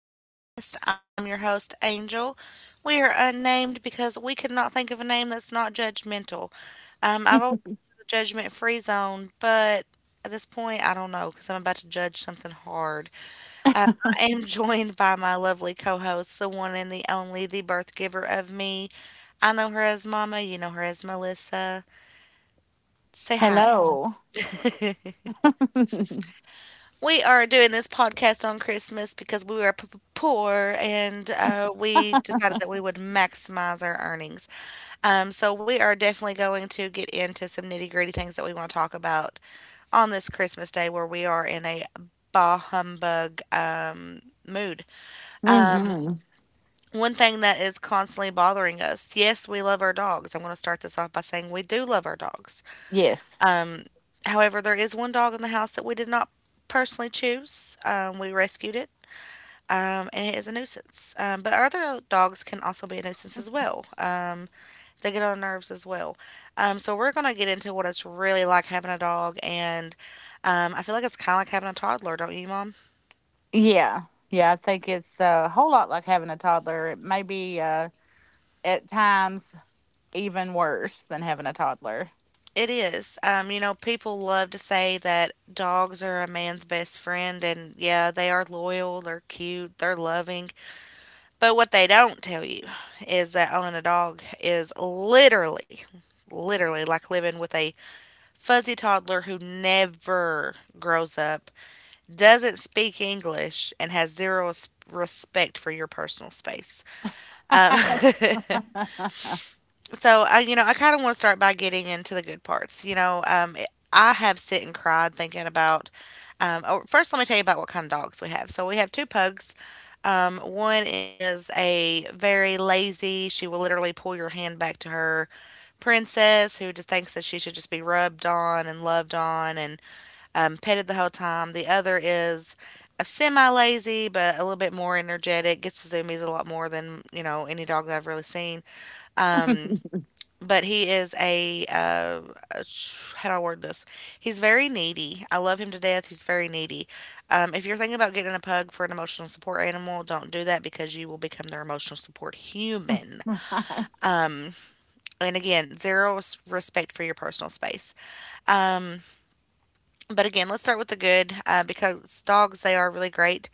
Podcast. I'm your host, Angel. We are unnamed because we could not think of a name that's not judgmental. I've always been in the judgment free zone, but at this point, I don't know because I'm about to judge something hard. Um, I am joined by my lovely co host, the one and the only, the birth giver of me. I know her as Mama, you know her as Melissa. Say hi. Hello. We are doing this podcast on Christmas because we were poor, and we decided that we would maximize our earnings. So we are definitely going to get into some nitty gritty things that we want to talk about on this Christmas day, where we are in a bah humbug mood. Um, Hmm. One thing that is constantly bothering us, yes, we love our dogs. I'm going to start this off by saying we do love our dogs. Yes. However, there is one dog in the house that we did not personally choose. We rescued it. And it is a nuisance. But our other dogs can also be a nuisance as well. They get on our nerves as well. So we're going to get into what it's really like having a dog, and I feel like it's kind of like having a toddler, don't you, Mom? Yeah. Yeah. I think it's a whole lot like having a toddler. It may be at times even worse than having a toddler. It is. You know, people love to say that dogs are a man's best friend, and yeah, they are loyal, they're cute, they're loving. But what they don't tell you is that owning a dog is literally, literally like living with a fuzzy toddler who never grows up, doesn't speak English, and has zero respect for your personal space. Um, so, I, you know, I kind of want to start by getting into the good parts. You know, I have sit and cried thinking about. Oh, first, let me tell you about what kind of dogs we have. So, we have two pugs. One is a very lazy, she will literally pull your hand back to her, princess who just thinks that she should just be rubbed on and loved on and petted the whole time. The other is a semi lazy, but a little bit more energetic. Gets the zoomies a lot more than you know any dog that I've really seen. But he is a, how do I word this? He's very needy. I love him to death. He's very needy. If you're thinking about getting a pug for an emotional support animal, don't do that because you will become their emotional support human. And again, zero respect for your personal space. But again, let's start with the good, because dogs, they are really great.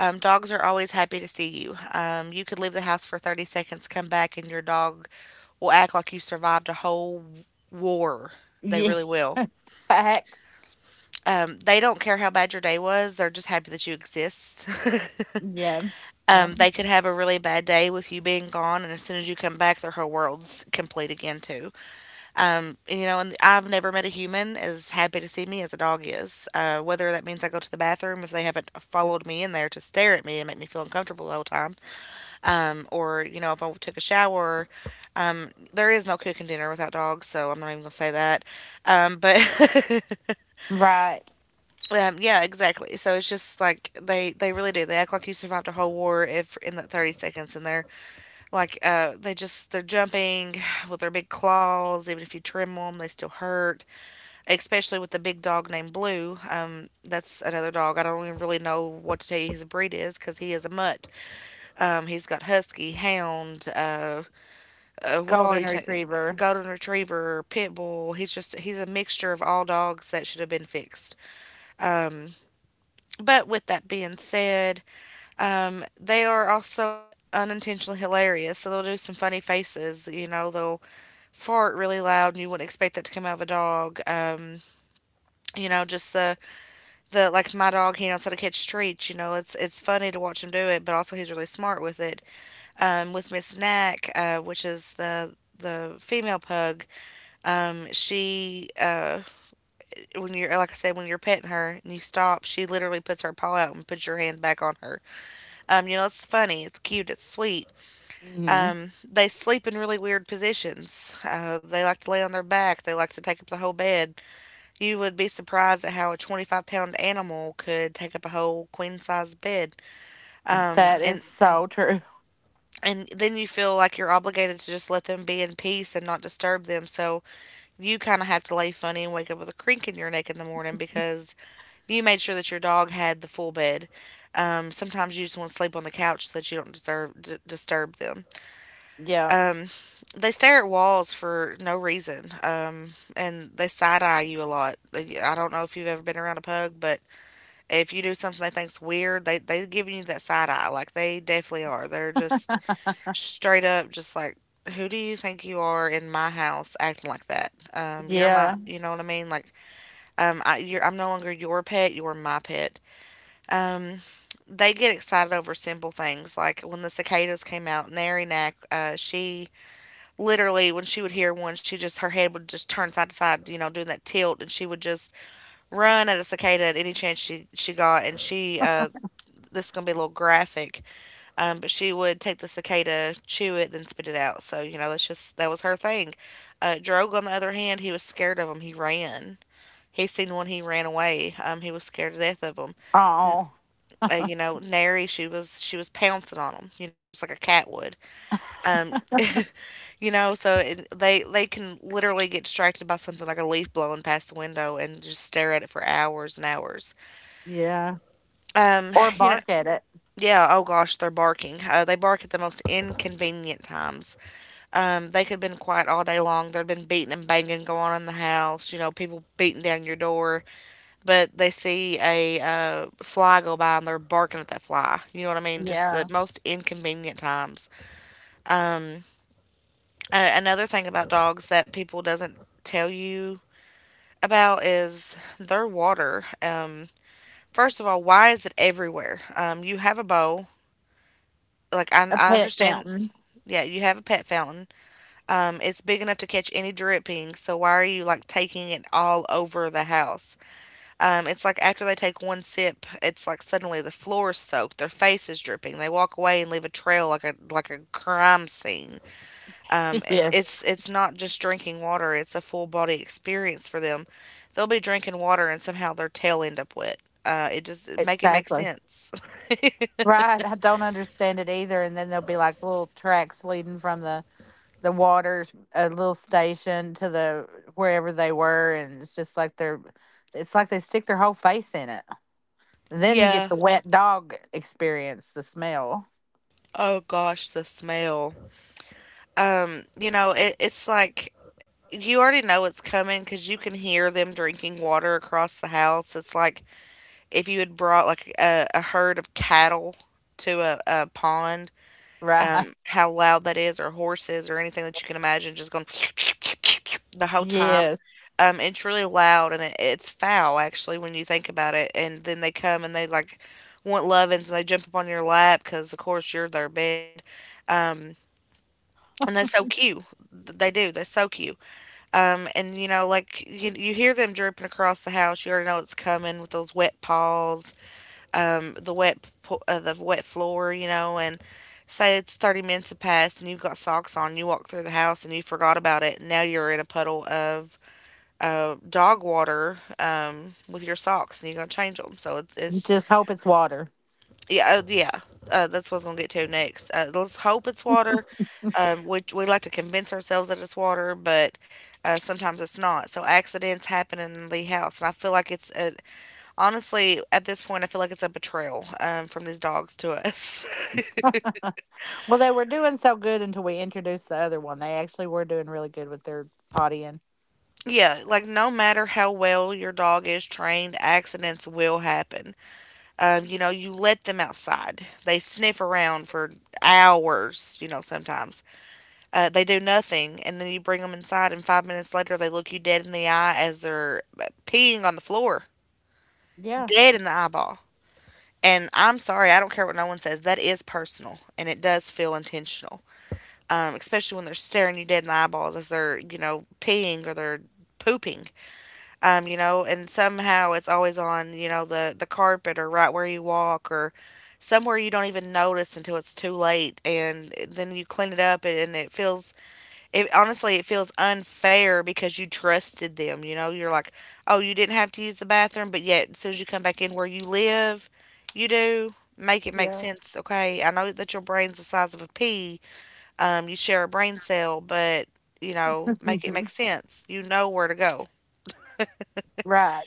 Dogs are always happy to see you. You could leave the house for 30 seconds, come back, and your dog will act like you survived a whole war. They Yeah. really will. Facts. They don't care how bad your day was, they're just happy that you exist. Yeah. Yeah. They could have a really bad day with you being gone, and as soon as you come back, their whole world's complete again, too. You know, and I've never met a human as happy to see me as a dog is. Whether that means I go to the bathroom, if they haven't followed me in there to stare at me and make me feel uncomfortable the whole time, or you know if I took a shower. There is no cooking dinner without dogs, so I'm not even gonna say that. But Right. Yeah, exactly. So it's just like they really do. They act like you survived a whole war if in that 30 seconds, and they're like they just, they're jumping with their big claws. Even if you trim them, they still hurt. Especially with the big dog named Blue. That's another dog. I don't even really know what to tell you his breed is because he is a mutt. He's got husky, hound, what all do Golden you think? retriever. Golden Retriever, Pit Bull. He's just, he's a mixture of all dogs that should have been fixed. But with that being said, they are also unintentionally hilarious. So they'll do some funny faces. You know, they'll fart really loud, and you wouldn't expect that to come out of a dog. You know, just the, like, my dog, he knows how to catch treats. You know, it's funny to watch him do it, but also he's really smart with it. With Miss Knack, which is the female pug, Um, she, uh, when you're, like I said, when you're petting her and you stop, she literally puts her paw out and puts your hand back on her. You know, it's funny, it's cute, it's sweet. Hmm. They sleep in really weird positions. They like to lay on their back, they like to take up the whole bed. You would be surprised at how a 25-pound animal could take up a whole queen size bed. Um, That is and so true. and then you feel like you're obligated to just let them be in peace and not disturb them. So you kind of have to lay funny and wake up with a crink in your neck in the morning because you made sure that your dog had the full bed. Sometimes you just want to sleep on the couch so that you don't disturb them. Yeah. Um, they stare at walls for no reason, and they side eye you a lot. I don't know if you've ever been around a pug, but if you do something they think's weird, they give you that side eye. Like they definitely are. They're just straight up, just like. Who do you think you are in my house acting like that? You're my, Yeah. you know what I mean? Like, I'm no longer your pet, you're my pet. Um, they get excited over simple things, like when the cicadas came out. Narinak, she literally, when she would hear one, she just, her head would just turn side to side, you know, doing that tilt, and she would just run at a cicada at any chance she got. And she, this is gonna be a little graphic, but she would take the cicada, chew it, then spit it out, so, you know, that was her thing. Drogue, on the other hand, he was scared of them. He ran. He seen one, he ran away. He was scared to death of them. N- Oh. You know, Nary, she was pouncing on them, you know, just like a cat would. Um, you know, so, they can literally get distracted by something like a leaf blowing past the window and just stare at it for hours and hours. Yeah. Um, Or you know, bark at it. yeah. Oh gosh, they're barking. They bark at the most inconvenient times. They could have been quiet all day long. There'd been beating and banging going on in the house. You know, people beating down your door, but they see a fly go by and they're barking at that fly. You know what I mean? Just the Yeah. most inconvenient times. Um, Another thing about dogs that people doesn't tell you about is their water. First of all, why is it everywhere? You have a bowl. Like, I, A I pet understand. fountain. Yeah, you have a pet fountain. It's big enough to catch any dripping. So why are you, like, taking it all over the house? It's like after they take one sip, it's like suddenly the floor is soaked, their face is dripping. They walk away and leave a trail like a crime scene. Um, it- Yes. it's it's not just drinking water; it's a full body experience for them. They'll be drinking water and somehow their tail end up wet. It just make it make Exactly. sense. Right. I don't understand it either. And then there'll be like little tracks leading from the waters, a little station to the wherever they were, and it's just like it's like they stick their whole face in it. Then you get Yeah. the wet dog experience, the smell. Oh gosh, the smell. You know, it's like you already know it's coming because you can hear them drinking water across the house. It's like if you had brought like a herd of cattle to a pond, Right. How loud that is, or horses, or anything that you can imagine, just going the whole time. Yes. It's really loud, and it's foul actually when you think about it. And then they come and they, like, want lovin's and they jump up on your lap because of course you're their bed. Um, and they soak you. They do. They soak you. And you know, like, you hear them dripping across the house. You already know it's coming with those wet paws, the wet floor, you know, and say it's 30 minutes have passed and you've got socks on, you walk through the house and you forgot about it, and now you're in a puddle of dog water with your socks and you're going to change them. So it's Just hope it's water. yeah. That's what I was going to get to next. Let's hope it's water. We like to convince ourselves that it's water, but sometimes it's not. So accidents happen in the house, and I feel like honestly, at this point, I feel like it's a betrayal from these dogs to us. Well, they were doing so good until we introduced the other one. They actually were doing really good with their pottying. Yeah, like no matter how well your dog is trained, accidents will happen. You know, you let them outside, they sniff around for hours, you know, sometimes. They do nothing, and then you bring them inside, and 5 minutes later, they look you dead in the eye as they're peeing on the floor, Yeah, dead in the eyeball. And I'm sorry, I don't care what no one says. That is personal, and it does feel intentional. Especially when they're staring you dead in the eyeballs as they're, you know, peeing or they're pooping, you know, and somehow it's always on, you know, the carpet or right where you walk or somewhere you don't even notice until it's too late and then you clean it up, and it feels, it honestly it feels unfair because you trusted them, you know. You're like, oh, you didn't have to use the bathroom, but yet as soon as you come back in where you live, you do. Make it make yeah. sense. Okay, I know that your brain's the size of a pea. You share a brain cell, but you know, make it make sense. You know where to go. Right.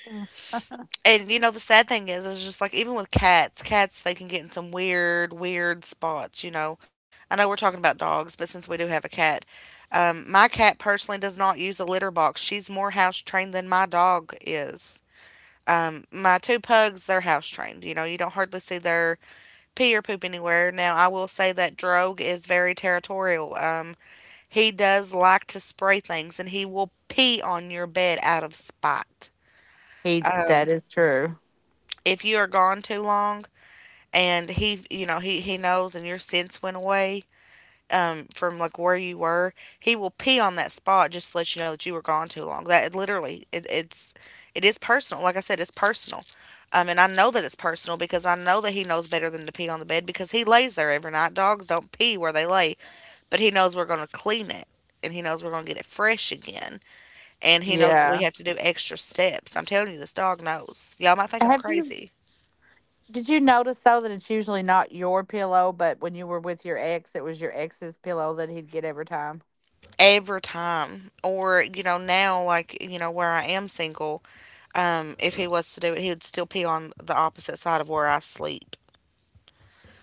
And you know, the sad thing is just like even with cats, cats they can get in some weird, weird spots. You know, I know we're talking about dogs, but since we do have a cat, my cat personally does not use a litter box. She's more house trained than my dog is. My two pugs, they're house trained. You know, you don't hardly see their pee or poop anywhere. Now, I will say that Drogue is very territorial. He does like to spray things and he will pee on your bed out of spite. He Um, That is true. if you are gone too long and he, you know, he knows and your sense went away from like where you were, he will pee on that spot just to let you know that you were gone too long. That it literally, it is personal. Like I said, it's personal. And I know that it's personal because I know that he knows better than to pee on the bed because he lays there every night. Dogs don't pee where they lay, but he knows we're going to clean it and he knows we're going to get it fresh again, and he knows that we Yeah. have to do extra steps. I'm telling you, this dog knows. Y'all might think I'm Have you crazy did you notice though that it's usually not your pillow, but when you were with your ex, it was your ex's pillow that he'd get every time? every time. Or, you know, now, like, you know, where I am single, if he was to do it, he would still pee on the opposite side of where I sleep.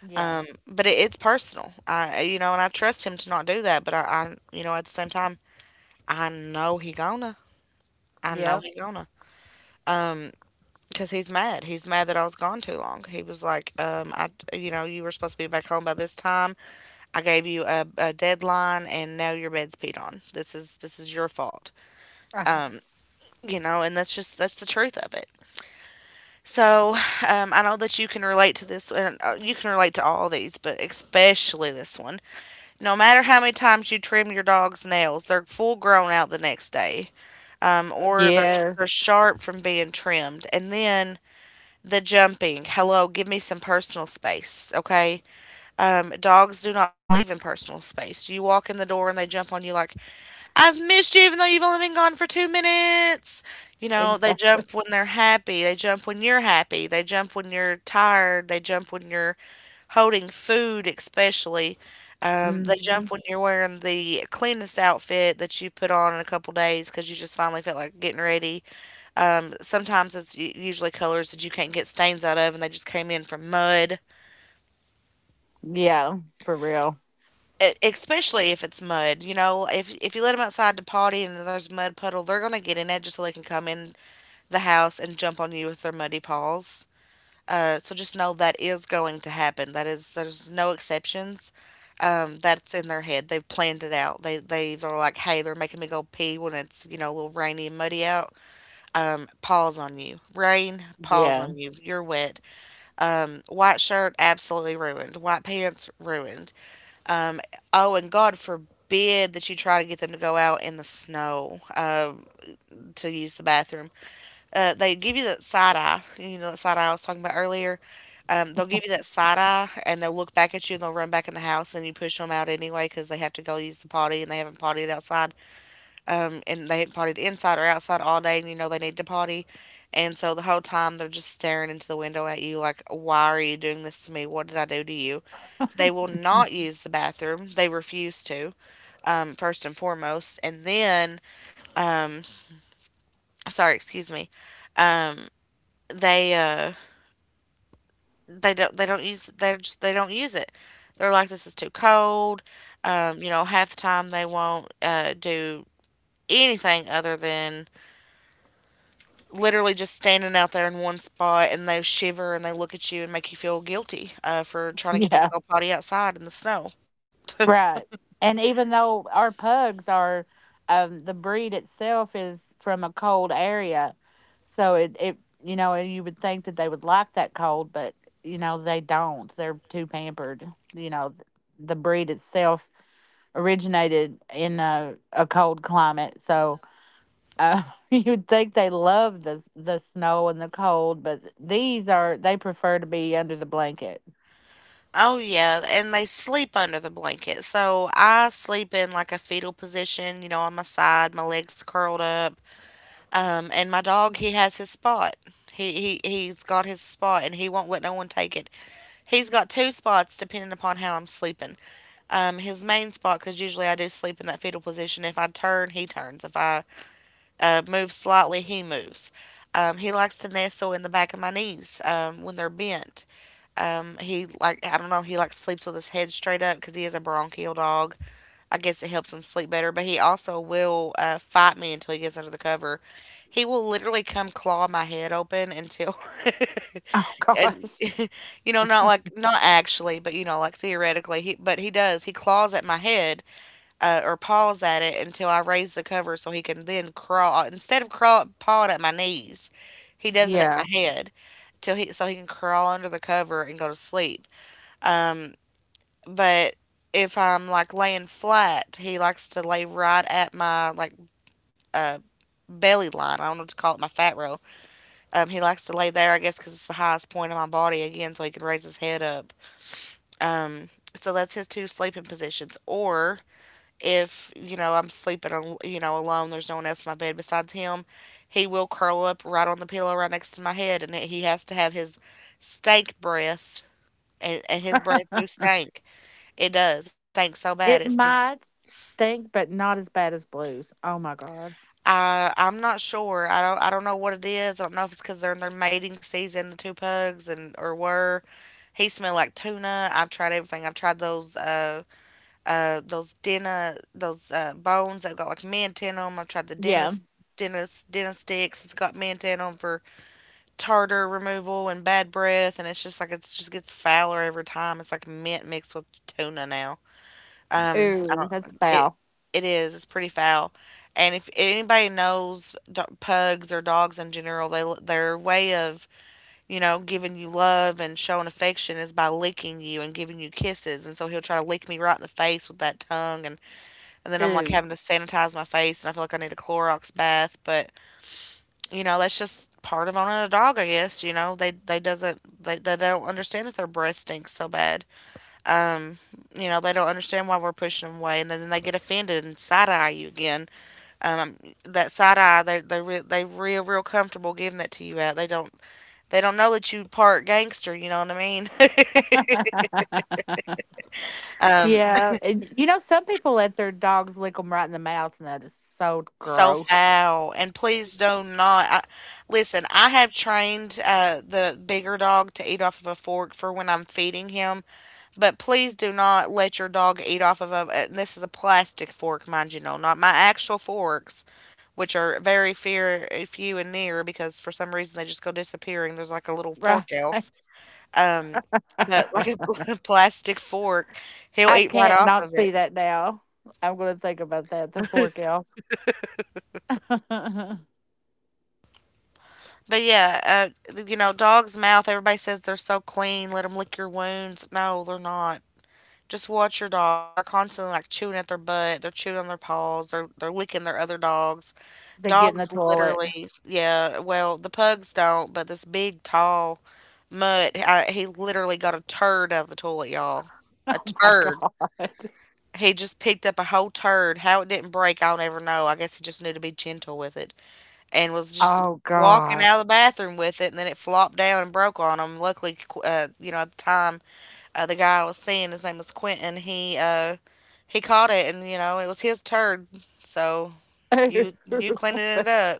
Yeah. But it's personal. I, you know, and I trust him to not do that. But you know, at the same time, I know he gonna. I know Yep. he gonna. Because he's mad. He's mad that I was gone too long. He was like, I, you know, you were supposed to be back home by this time. I gave you a deadline and now your bed's peed on. This is your fault. You know, and that's just that's the truth of it. So I know that you can relate to this, and you can relate to all these, but especially this one. No matter how many times you trim your dog's nails, they're full grown out the next day, or they're Yes, sharp from being trimmed, and then the jumping. Hello, give me some personal space, okay? Dogs do not believe in personal space. You walk in the door and they jump on you like, I've missed you even though you've only been gone for 2 minutes. You know, they exactly. jump when they're happy. They jump when you're happy. They jump when you're tired. They jump when you're holding food, especially. They Hmm. jump when you're wearing the cleanest outfit that you put on in a couple days because you just finally felt like getting ready. Sometimes it's usually colors that you can't get stains out of and they just came in from mud. Yeah, for real. Especially if it's mud, you know, if you let them outside to potty and there's a mud puddle, they're gonna get in it just so they can come in the house and jump on you with their muddy paws. So just know that is going to happen. That is, there's no exceptions. That's in their head. They've planned it out. They are like, hey, they're making me go pee when it's, you know, a little rainy and muddy out. Paws on you. Rain, paws Yeah, on you. You're wet. White shirt, absolutely ruined. White pants, ruined. Oh, and God forbid that you try to get them to go out in the snow to use the bathroom. They give you that side eye, you know, that side eye I was talking about earlier. They'll give you that side eye and they'll look back at you and they'll run back in the house and you push them out anyway because they have to go use the potty and they haven't pottied outside. And they haven't pottied inside or outside all day and you know they need to potty. And so the whole time they're just staring into the window at you like, why are you doing this to me? What did I do to you? They will not use the bathroom. They refuse to, first and foremost. And then, um, sorry, excuse me. Um, they, uh, they just they don't use it. They're like, this is too cold. You know, half the time they won't do anything other than literally just standing out there in one spot and they shiver and they look at you and make you feel guilty for trying to get them to yeah, go potty outside in the snow. right. And even though our pugs are, the breed itself is from a cold area, so it you would think that they would like that cold, but they don't. They're too pampered. You know, the breed itself originated in a cold climate, so Uh, you'd think they love the snow and the cold, but these are they prefer to be under the blanket. Oh yeah, and they sleep under the blanket. So I sleep in like a fetal position, you know, on my side, my legs curled up. And my dog, he has his spot. He's got his spot and he won't let no one take it. He's got two spots depending upon how I'm sleeping. His main spot, because usually I do sleep in that fetal position. If I turn, he turns. If I move slightly, he moves. He likes to nestle in the back of my knees when they're bent. He like, I don't know. He like sleeps with his head straight up because he is a bronchial dog. I guess it helps him sleep better, but he also will fight me until he gets under the cover. He will literally come claw my head open until, Oh and gosh. you know, not like not actually, but you know, like theoretically, he does. He claws at my head or paws at it until I raise the cover so he can then crawl, instead of crawl pawing at my knees. He does it at Yeah. my head till he, so he can crawl under the cover and go to sleep. Um, but if I'm like laying flat, he likes to lay right at my like uh, belly line. I don't know what to call it, my fat roll. He likes to lay there, I guess, because it's the highest point of my body again, so he can raise his head up. So that's his two sleeping positions. Or if you know I'm sleeping, you know, alone, there's no one else in my bed besides him. He will curl up right on the pillow, right next to my head, and he has to have his stank breath, and his breath do stink. It does. It stinks so bad. It It stinks. might stink, but not as bad as Blue's. Oh my god. I'm not sure. I don't know what it is. I don't know if it's because they're in their mating season, the two pugs, and or were. He smelled like tuna. I've tried everything. I've tried those bones that got like mint in them. I've tried the Yeah. dentist dentist dentist sticks. It's got mint in them for tartar removal and bad breath. And it's just gets fouler every time. It's like mint mixed with tuna now. I Ooh, don't. that's It foul. it is. It's pretty foul. And if anybody knows pugs or dogs in general, they their way of giving you love and showing affection is by licking you and giving you kisses. And so he'll try to lick me right in the face with that tongue, and then I'm like Ooh. having to sanitize my face, and I feel like I need a Clorox bath. But that's just part of owning a dog, I guess. They doesn't they don't understand that their breath stinks so bad. Um, they don't understand why we're pushing them away, and then they get offended and side eye you again. Um, that side eye, they real real comfortable giving that to you out. They don't know that you part gangster. You know what I mean? um, Yeah. And you know, some people let their dogs lick them right in the mouth, and that is so so gross. foul. And please do not. Listen. I have trained the bigger dog to eat off of a fork for when I'm feeding him. But please do not let your dog eat off of a. This is a plastic fork, mind you. No, not my actual forks, which are very few and near because for some reason they just go disappearing. There's like a little Right. fork elf. Um, but I plastic fork, he'll eat right can't off not of it. see that now. I'm going to think about that. The fork elf. But yeah, dog's mouth. Everybody says they're so clean. Let them lick your wounds. No, they're not. Just watch your dog. They're constantly like chewing at their butt. They're chewing on their paws. They're licking their other dogs. They get in the Dogs toilet. literally, yeah, well, the pugs don't, but this big, tall mutt, he literally got a turd out of the toilet, y'all. A Oh my turd. god. He just picked up a whole turd. How it didn't break, I'll never know. I guess he just knew to be gentle with it and was just Oh walking out gosh. of the bathroom with it, and then it flopped down and broke on him. Luckily, at the time, the guy I was seeing, his name was Quentin, he caught it, and it was his turd. So you, you cleaning it But up.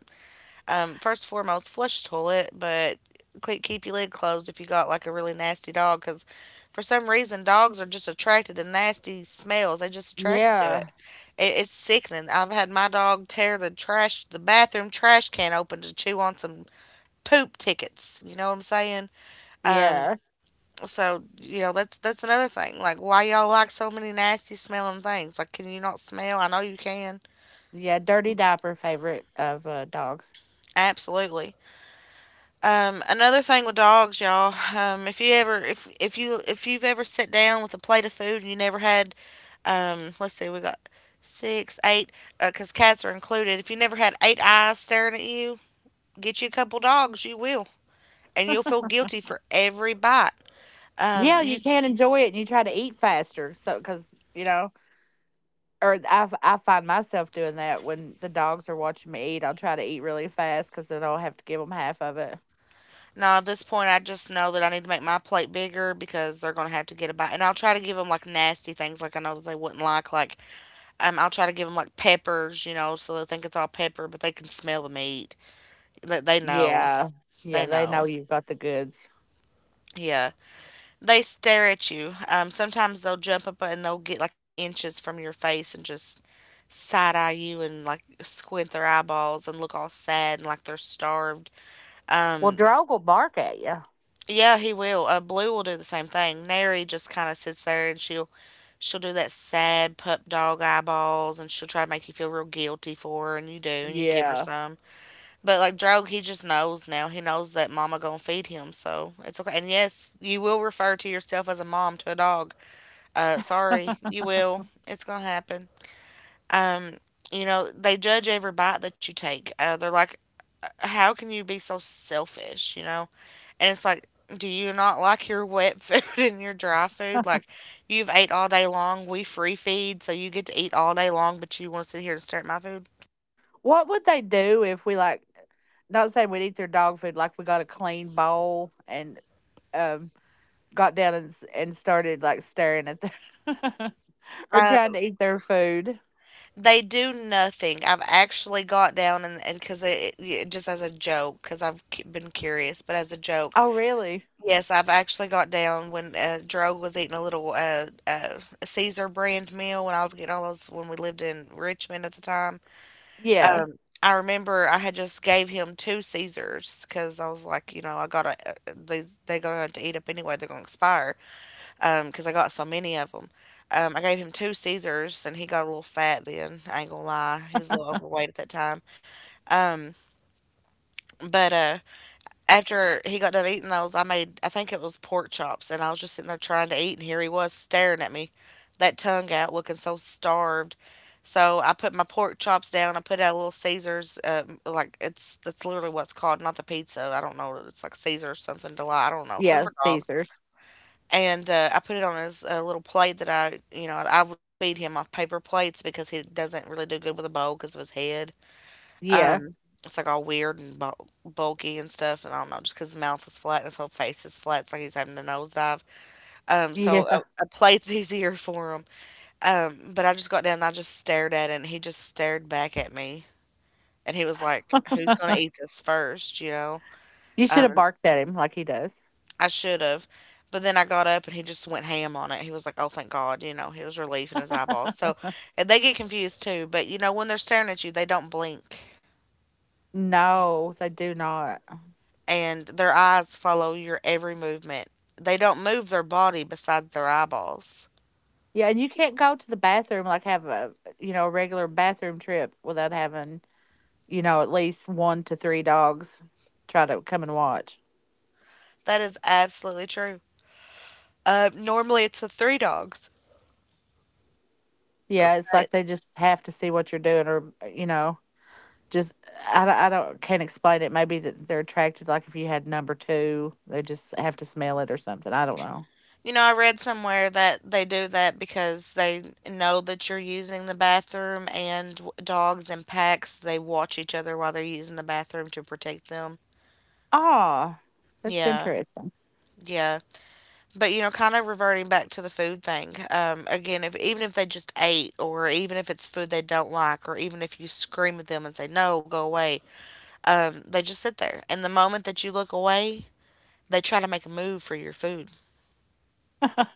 First and foremost, flush the toilet, but keep your lid closed if you got like a really nasty dog, because for some reason dogs are just attracted to nasty smells. They just attracted to yeah, it. It's sickening. I've had my dog tear the trash, the bathroom trash can open to chew on some poop tickets. You know what I'm saying? Um, yeah, so that's another thing. Like why y'all like so many nasty smelling things? Like can you not smell? I know you can. yeah, dirty diaper favorite of, dogs. Absolutely. Another thing with dogs, y'all, if you ever if you if you've ever sat down with a plate of food and you never had, let's see, we got six, eight, because cats are included. If you never had eight eyes staring at you, get you a couple dogs, you will, and you'll feel guilty for every bite. Yeah, You you can't enjoy it and you try to eat faster. So, because you know, or I find myself doing that when the dogs are watching me eat, I'll try to eat really fast because then I'll have to give them half of it. Now at this point, I just know that I need to make my plate bigger because they're gonna have to get a bite, and I'll try to give them like nasty things, like I know that they wouldn't like. I'll try to give them like peppers, so they think it's all pepper, but they can smell the meat. They know. Yeah. Yeah, They they know know. you've got the goods. Yeah. They stare at you. Sometimes they'll jump up and they'll get like inches from your face and just side eye you and like squint their eyeballs and look all sad and like they're starved. Well, Um, Drog will bark at you. yeah, he will. Blue will do the same thing. Neri just kind of sits there and she'll do that sad pup dog eyeballs, and she'll try to make you feel real guilty for her, and you do, and you give her Yeah. some. But like Drogue, he just knows now. He knows that Mama gonna feed him, so it's okay. And yes, you will refer to yourself as a mom to a dog. Sorry, you will. It's gonna happen. Um, they judge every bite that you take. They're like, how can you be so selfish? And it's like, do you not like your wet food and your dry food? Like, you've ate all day long. We free feed, so you get to eat all day long, but you want to sit here and stare at my food. What would they do if we like not saying we'd eat their dog food, like we got a clean bowl and um got down and and started like staring at their or Uh, trying to eat their food. They do nothing. I've actually got down, and because it yeah, just as a joke, because I've been curious, but as a joke, Oh really? yes, I've actually got down when Drogue was eating a little Caesar brand meal when I was getting all those when we lived in Richmond at the time. Yeah. I remember I had just gave him two Caesars because I was like, I gotta, these they gonna have to eat up anyway. They're gonna expire because I got so many of them. I gave him two Caesars, and he got a little fat then. I ain't gonna lie, he was a little overweight at that time. Um, but after he got done eating those, I made, I think it was pork chops, and I was just sitting there trying to eat, and here he was staring at me, that tongue out, looking so starved. So I put my pork chops down. I put out a little Caesars, like it's that's literally what's called, not the pizza. I don't know, it's like Caesar or something. Deli, I don't know, something Yeah, for dogs. Caesars. And I put it on his little plate that I would feed him off paper plates because he doesn't really do good with a bowl because of his head. Yeah. Um, it's like all weird and bulky and stuff, and I don't know, just because his mouth is flat and his whole face is flat, it's like he's having a nosedive. So Yeah. a plate's easier for him. But I just got down and I just stared at it, and he just stared back at me, and he was like, "Who's gonna eat this first?" You know? You should Um, have barked at him like he does. I should have. But then I got up and he just went ham on it. He was like, "Oh, thank God!" He was relief in his eyeballs. So and they get confused too. But when they're staring at you, they don't blink, No, they do not. and their eyes follow your every movement. They don't move their body besides their eyeballs. Yeah, and you can't go to the bathroom like have a regular bathroom trip without having, at least one to three dogs try to come and watch. That is absolutely true. Normally, it's the three dogs, Yeah, it's but like they just have to see what you're doing, or just I don't can't explain it. Maybe that they're attracted. Like if you had number two, they just have to smell it or something. I don't know. I read somewhere that they do that because they know that you're using the bathroom, and dogs in packs, they watch each other while they're using the bathroom to protect them. Ah, that's Yeah, interesting. yeah. But kind of reverting back to the food thing. Again, if even if they just ate, or even if it's food they don't like, or even if you scream at them and say no, go away, they just sit there. And the moment that you look away, they try to make a move for your food.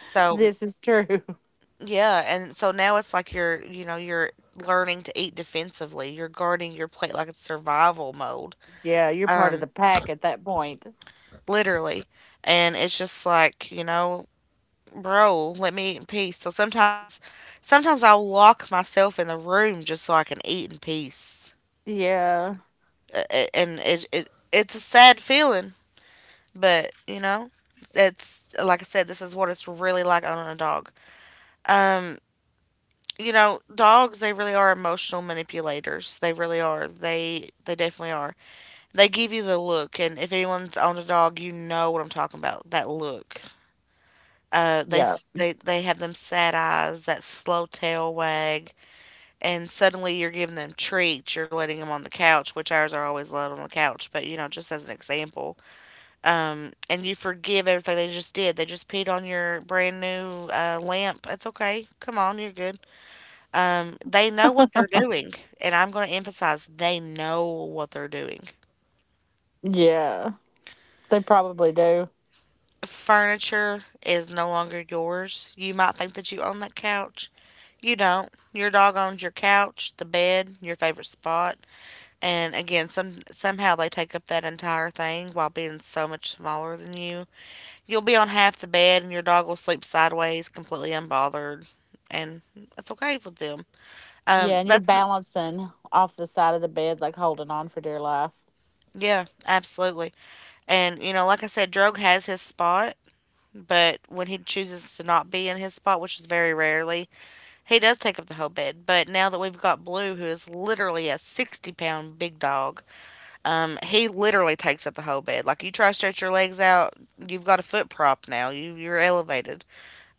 So mm, This is true. yeah, and so now it's like you're learning to eat defensively. You're guarding your plate like it's survival mode, Yeah, you're part of um, the pack at that point. literally. And it's just like, bro, let me eat in peace. So sometimes I'll lock myself in the room just so I can eat in peace. Yeah, And it's a sad feeling, but it's like I said, this is what it's really like owning a dog. Um, Dogs, they really are emotional manipulators. They really are. They definitely are. They give you the look, and if anyone's owned a dog, you know what I'm talking about. That look. They yeah, s- they have them sad eyes, that slow tail wag. And suddenly you're giving them treats, you're letting them on the couch, which ours are always allowed on the couch, but just as an example. And you forgive everything they just did. They just peed on your brand new lamp. It's okay. Come on, you're good. They know what they're doing, and I'm going to emphasize they know what they're doing. yeah. They probably do. Furniture is no longer yours. You might think that you own that couch. You don't. Your dog owns your couch, the bed, your favorite spot. And again, somehow they take up that entire thing while being so much smaller than you. You'll be on half the bed and your dog will sleep sideways, completely unbothered, and that's okay with them. Yeah, and you're That's balancing off the side of the bed, like holding on for dear life, Yeah, absolutely. And you know, like I said, Drogue has his spot, but when he chooses to not be in his spot, which is very rarely, he does take up the whole bed. But now that we've got Blue, who is literally a 60 pound big dog. He literally takes up the whole bed. Like you try to stretch your legs out, you've got a foot prop now. You're elevated.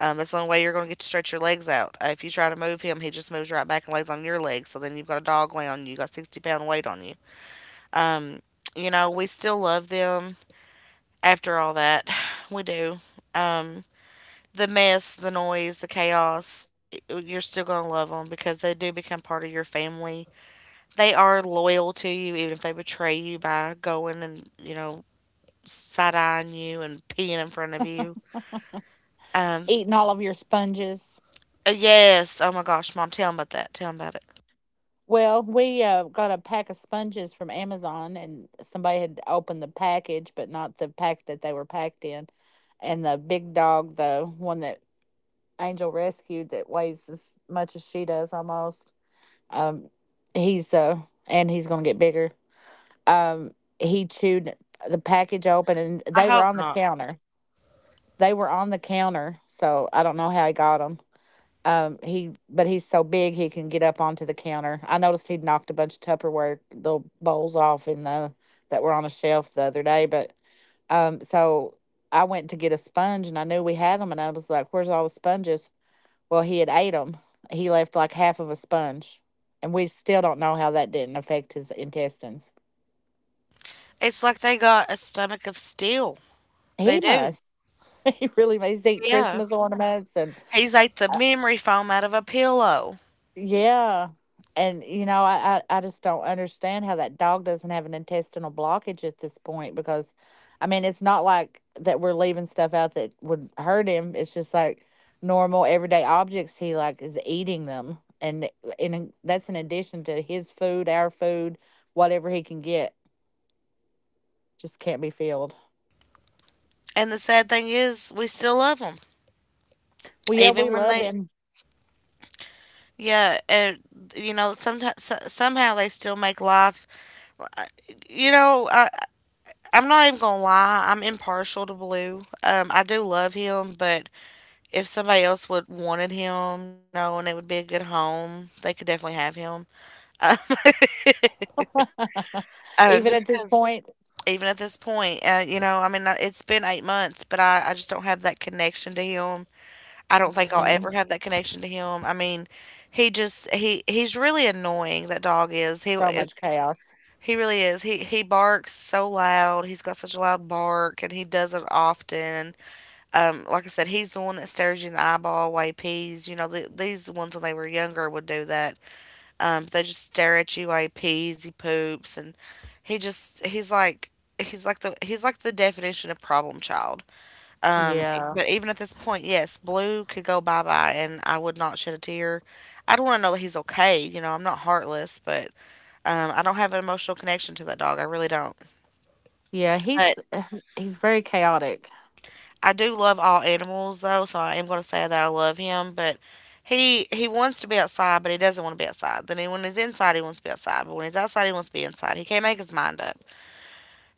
That's the only way you're going to get to stretch your legs out. If you try to move him, he just moves right back and lays on your legs. So then you've got a dog laying on you. You got 60 pound weight on you. Um, you know we still love them after all that. We do. Um, the mess, the noise, the chaos, you're still going to love them because they do become part of your family. They are loyal to you, even if they betray you by going and, side eyeing you and peeing in front of you. Um, eating all of your sponges. Yes. Oh my gosh, Mom, tell him about that. Tell him about it. Well, we, got a pack of sponges from Amazon, and somebody had opened the package, but not the pack that they were packed in. And the big dog, the one that Angel rescued that weighs as much as she does almost, um, he's, uh, and he's gonna get bigger. Um, he chewed the package open, and I they were hope on the not. counter. They were on the counter, so I don't know how he got them. He but he's so big he can get up onto the counter. I noticed he would knocked a bunch of Tupperware little bowls off in the that were on a shelf the other day. But so I went to get a sponge and I knew we had them and I was like, "Where's all the sponges?" Well, he had ate them. He left like half of a sponge, and we still don't know how that didn't affect his intestines. It's like they got a stomach of steel. They He do. must. He really must eat Yeah. Christmas ornaments and He's ate the memory foam out of a pillow. Yeah. And you know, I just don't understand how that dog doesn't have an intestinal blockage at this point because I mean, it's not like that we're leaving stuff out that would hurt him. It's just like normal everyday objects he like is eating them and that's in addition to his food, our food, whatever he can get just can't be filled. And the sad thing is, we still love them. Well, yeah, we Even when love they, him. yeah, you know, sometimes, somehow they still make life. You know, I'm not even going to lie. I'm impartial to Blue. I do love him, but if somebody else would wanted him, you know, and it would be a good home, they could definitely have him. Uh, Even just at this because point, even at this point, you know, it's been 8 months, but I just don't have that connection to him. I don't think I'll mhm, ever have that connection to him. I mean, he just he he's really annoying. That dog is he so if, much chaos. he really is. He barks so loud. He's got such a loud bark, and he does it often. Like I said, he's the one that stares you in the eyeball. Way peas. You know, these ones when they were younger would do that. They just stare at you while he pees, he poops, and he just he's like the definition of problem child. Yeah. But even at this point, yes, Blue could go bye bye, and I would not shed a tear. I'd want to know that he's okay. You know, I'm not heartless, but I don't have an emotional connection to that dog. I really don't. Yeah, But he's he's very chaotic. I do love all animals, though, so I am going to say that I love him. But he wants to be outside, but he doesn't want to be outside. Then when he's inside, he wants to be outside. But when he's outside, he wants to be inside. He can't make his mind up.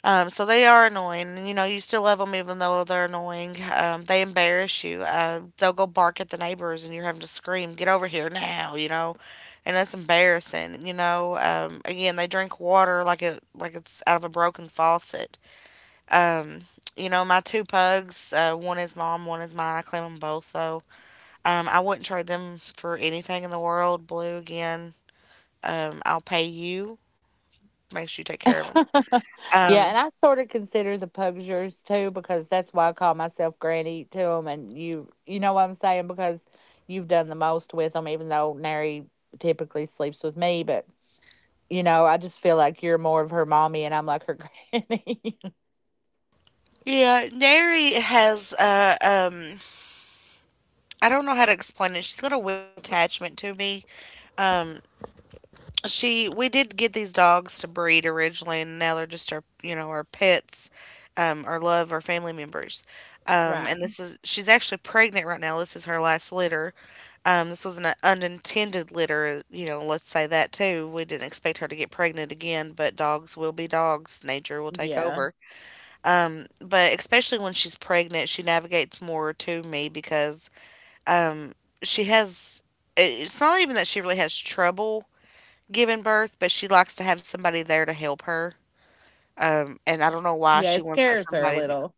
So they are annoying. You know, you still love them even though they're annoying. They embarrass you. They'll go bark at the neighbors and you're having to scream, get over here now, you know? And that's embarrassing, you know? Again, they drink water like it's out of a broken faucet. Um, you know, my two pugs, one is mom, one is mine. I claim them both, though. I wouldn't trade them for anything in the world. Blue, again, I'll pay you. Make sure you take care of them. Yeah, Um, and I sort of consider the pugs yours too because that's why I call myself Granny to them, and you know what I'm saying because you've done the most with them, even though Nary typically sleeps with me, but I just feel like you're more of her mommy and I'm like her granny. Yeah, Neri has I don't know how to explain it. She's got a weird attachment to me. Um she We did get these dogs to breed originally and now they're just our you know, our pets, our love, our family members. Right. And this is she's actually pregnant right now. This is her last litter. This was an unintended litter, you know, let's say that too. We didn't expect her to get pregnant again, but dogs will be dogs. Nature will take Yeah. over. But especially when she's pregnant, she navigates more to me because um, she has. It's not even that she really has trouble giving birth, but she likes to have somebody there to help her. And I don't know why Yeah. she It wants that scares her a somebody to. little,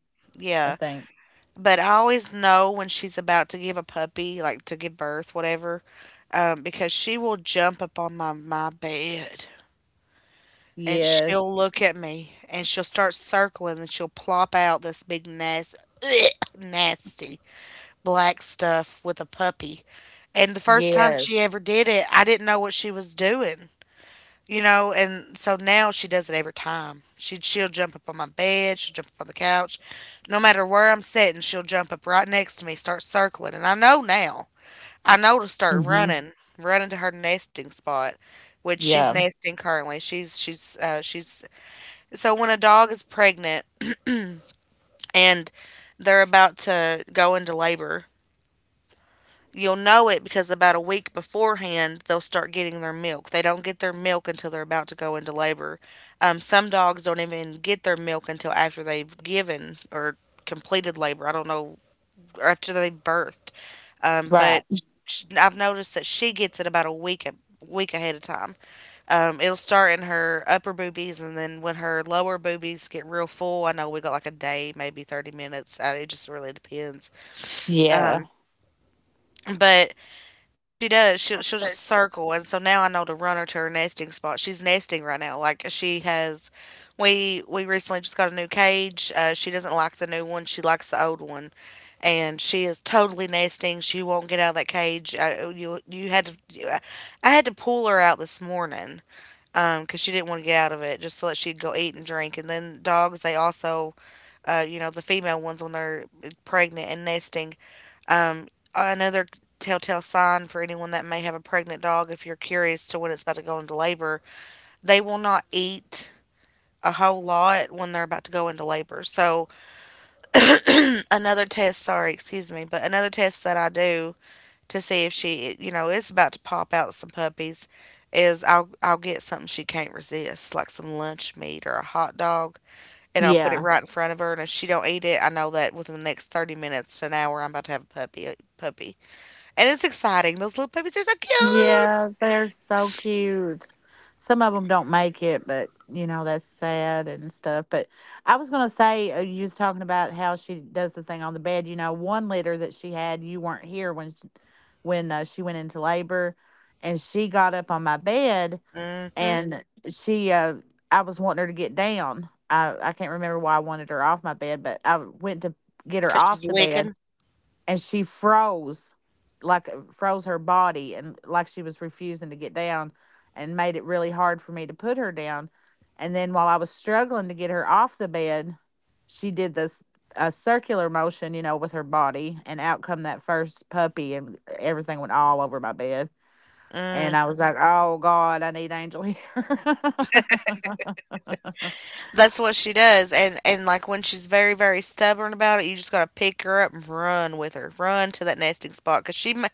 I Yeah, think. but I always know when she's about to give a puppy, like to give birth, whatever, because she will jump up on my bed and she'll Yes. look at me and she'll start circling and she'll plop out this big nasty, nasty black stuff with a puppy. And the first time Yes. she ever did it, I didn't know what she was doing, you know, and so now she does it every time. She'll jump up on my bed, she'll jump up on the couch. No matter where I'm sitting, she'll jump up right next to me, start circling, and I know now. I know to start Hmm. running, running to her nesting spot, which she's Yeah. nesting currently. She's So when a dog is pregnant and they're about to go into labor, you'll know it because about a week beforehand, they'll start getting their milk. They don't get their milk until they're about to go into labor. Some dogs don't even get their milk until after they've given or completed labor. I don't know, or after they birthed. Um, Right. but I've noticed that she gets it about a week ahead of time. It'll start in her upper boobies, and then when her lower boobies get real full, I know we got like a day, maybe 30 minutes. It just really depends. Yeah. Um, but She does. She'll just circle, and so now I know to run her to her nesting spot. She's nesting right now. We recently just got a new cage. She doesn't like the new one. She likes the old one, and she is totally nesting. She won't get out of that cage. I had to pull her out this morning. 'Cause she didn't want to get out of it, just so that she'd go eat and drink. And then dogs, they also, you know, the female ones when they're pregnant and nesting, um, another telltale sign for anyone that may have a pregnant dog, if you're curious to when it's about to go into labor, they will not eat a whole lot when they're about to go into labor. So another test, sorry, excuse me, but another test that I do to see if she, you know, is about to pop out some puppies is I'll get something she can't resist, like some lunch meat or a hot dog, and I'll put it Yeah. right in front of her. And if she don't eat it, I know that within the next 30 minutes to an hour, I'm about to have a puppy. Puppy. And it's exciting. Those little puppies are so cute. Yeah, they're so cute. Some of them don't make it, but you know, that's sad and stuff. But I was gonna say, you was talking about how she does the thing on the bed. You know, one litter that she had, you weren't here when she went into labor, and she got up on my bed, Mm-hmm. Cause and she, uh, I was wanting her to get down. I can't remember why I wanted her off my bed, but I went to get her off she's the bed, licking. and she froze like froze her body and like she was refusing to get down and made it really hard for me to put her down and then while I was struggling to get her off the bed she did this a circular motion with her body, and out come that first puppy and everything went all over my bed, and I Mhm. was like, oh god, I need Angel here. That's what she does. And like when she's very very stubborn about it, you just got to pick her up and run with her. Run to that nesting spot cuz she ma-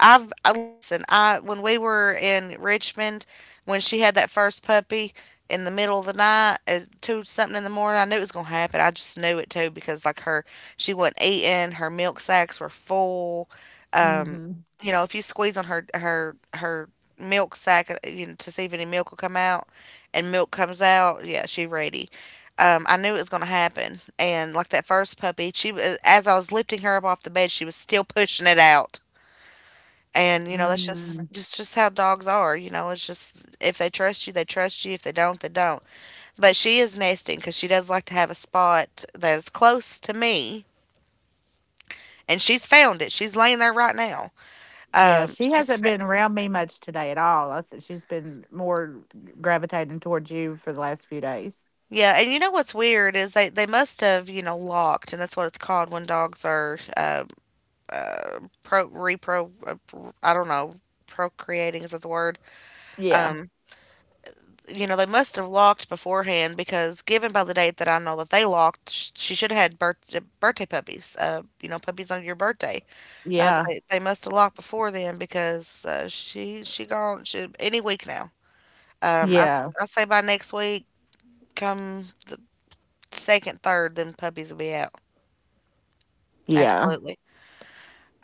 I've I listen, I when we were in Richmond when she had that first puppy in the middle of the night at two something in the morning, I knew it was gonna happen. I just knew it too because like her she wasn't eating, her milk sacks were full. Um, Hmm. you know, if you squeeze on her milk sack, you know, to see if any milk will come out, and milk comes out, yeah, she ready. I knew it was going to happen. And like that first puppy, she was as I was lifting her up off the bed, she was still pushing it out. And you know that's Hmm. Just how dogs are. You know, it's just if they trust you, they trust you. If they don't, they don't. But she is nesting because she does like to have a spot that is close to me, and she's found it. She's laying there right now. Yeah, Um, she she's hasn't been fa- around me much today at all. She's been more gravitating towards you for the last few days. yeah. And you know what's weird is they must have locked, and that's what it's called when dogs are pro repro I don't know, procreating, is that the word? Yeah. um they must have locked beforehand because given by the date that I know that they locked, she should have had birthday puppies, puppies on your birthday. um Yeah. they, they must have locked before then because, she gone, she, any week now. um I Yeah. I say by next week, come the second, third, then puppies will be out. Yeah. Absolutely.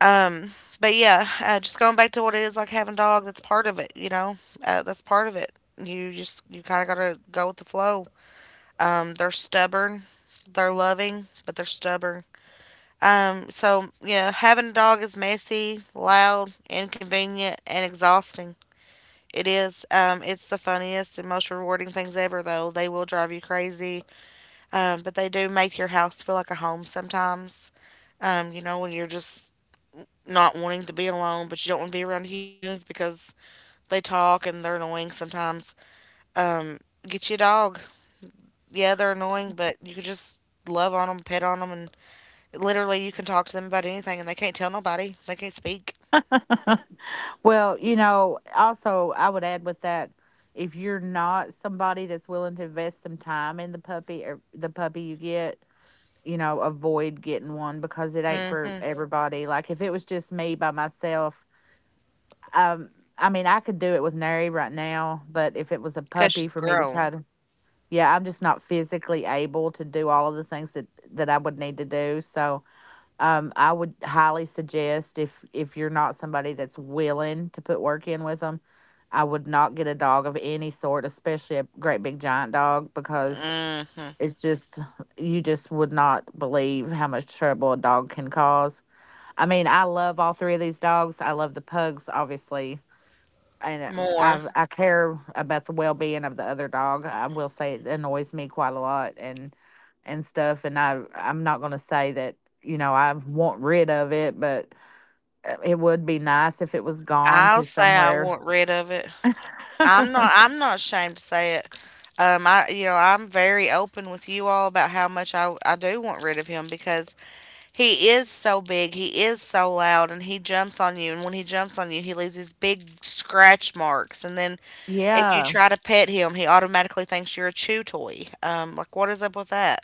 Um, but yeah, just going back to what it is like having a dog. That's part of it. That's part of it. You kind of gotta go with the flow. They're stubborn, they're loving, but they're stubborn. So yeah, having a dog is messy, loud, inconvenient, and exhausting. It is. It's the funniest and most rewarding things ever, though. They will drive you crazy, but they do make your house feel like a home sometimes, when you're just not wanting to be alone, but you don't want to be around humans because they talk and they're annoying sometimes. Um, get you a dog. Yeah, they're annoying, but you could just love on them, pet on them, and literally you can talk to them about anything, and they can't tell nobody. They can't speak. Well, also I would add with that if you're not somebody that's willing to invest some time in the puppy or the puppy you get, avoid getting one because it ain't for Mm-hmm. everybody. Like if it was just me by myself, um I mean, I could do it with Neri right now, but if it was a Cause puppy she's for me to try grown. to. Yeah, I'm just not physically able to do all of the things that I would need to do. So, I would highly suggest if you're not somebody that's willing to put work in with them, I would not get a dog of any sort, especially a great big giant dog, because Mm-hmm. it's just you just would not believe how much trouble a dog can cause. I mean, I love all three of these dogs. I love the pugs, obviously, and More. I care about the well being of the other dog. I will say it annoys me quite a lot and stuff. And I'm not gonna say that I want rid of it, but it would be nice if it was gone I'll to say I somewhere. want rid of it. I'm not. I'm not ashamed to say it. I, I'm very open with you all about how much I do want rid of him because he is so big, he is so loud, and he jumps on you. And when he jumps on you, he leaves these big scratch marks. And then if you Yeah. try to pet him, he automatically thinks you're a chew toy. Like, what is up with that?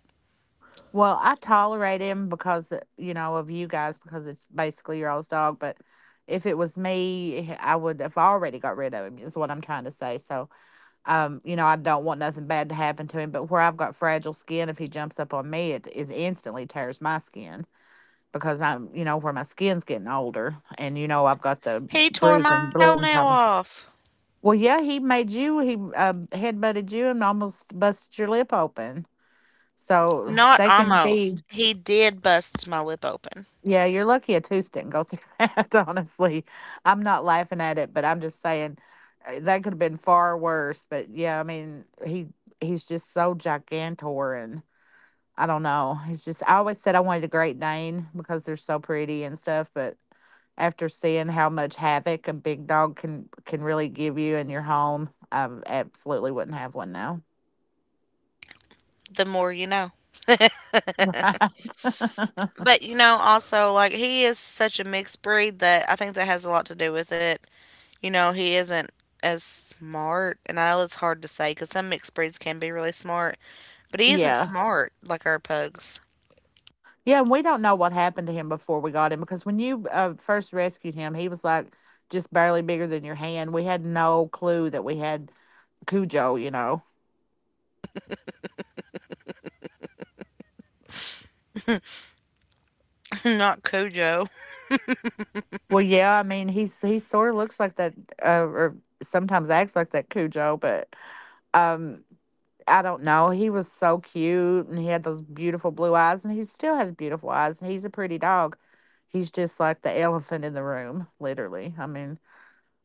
Well, I tolerate him because of you guys because it's basically your all's dog, but. If it was me, I would have already got rid of him. Is what I'm trying to say. So, you know, I don't want nothing bad to happen to him, but where I've got fragile skin, if he jumps up on me, it is instantly tears my skin because where my skin's getting older and I've got the He tore my bruising, bleeding toenail problem. off. Well, yeah, he made you, he headbutted you and almost busted your lip open. So Not they can be, almost. He did bust my lip open. yeah, you're lucky a tooth didn't go through that, honestly. I'm not laughing at it, but I'm just saying that could have been far worse. But yeah, I mean, he's just so gigantor and I don't know. It's just I always said I wanted a Great Dane because they're so pretty and stuff, but after seeing how much havoc a big dog can really give you in your home, I absolutely wouldn't have one now. The more you know. Right. But also, like, he is such a mixed breed that I think that has a lot to do with it. You know, he isn't as smart, and I know it's hard to say because some mixed breeds can be really smart. But he isn't Yeah. smart like our pugs. Yeah, and we don't know what happened to him before we got him because when you first rescued him, he was like just barely bigger than your hand. We had no clue that we had Cujo, you know. Not Cujo. Well, yeah, I mean, he sort of looks like that or sometimes acts like that Cujo, but um I don't know, he was so cute and he had those beautiful blue eyes, and he still has beautiful eyes, and he's a pretty dog. He's just like the elephant in the room, literally. I mean,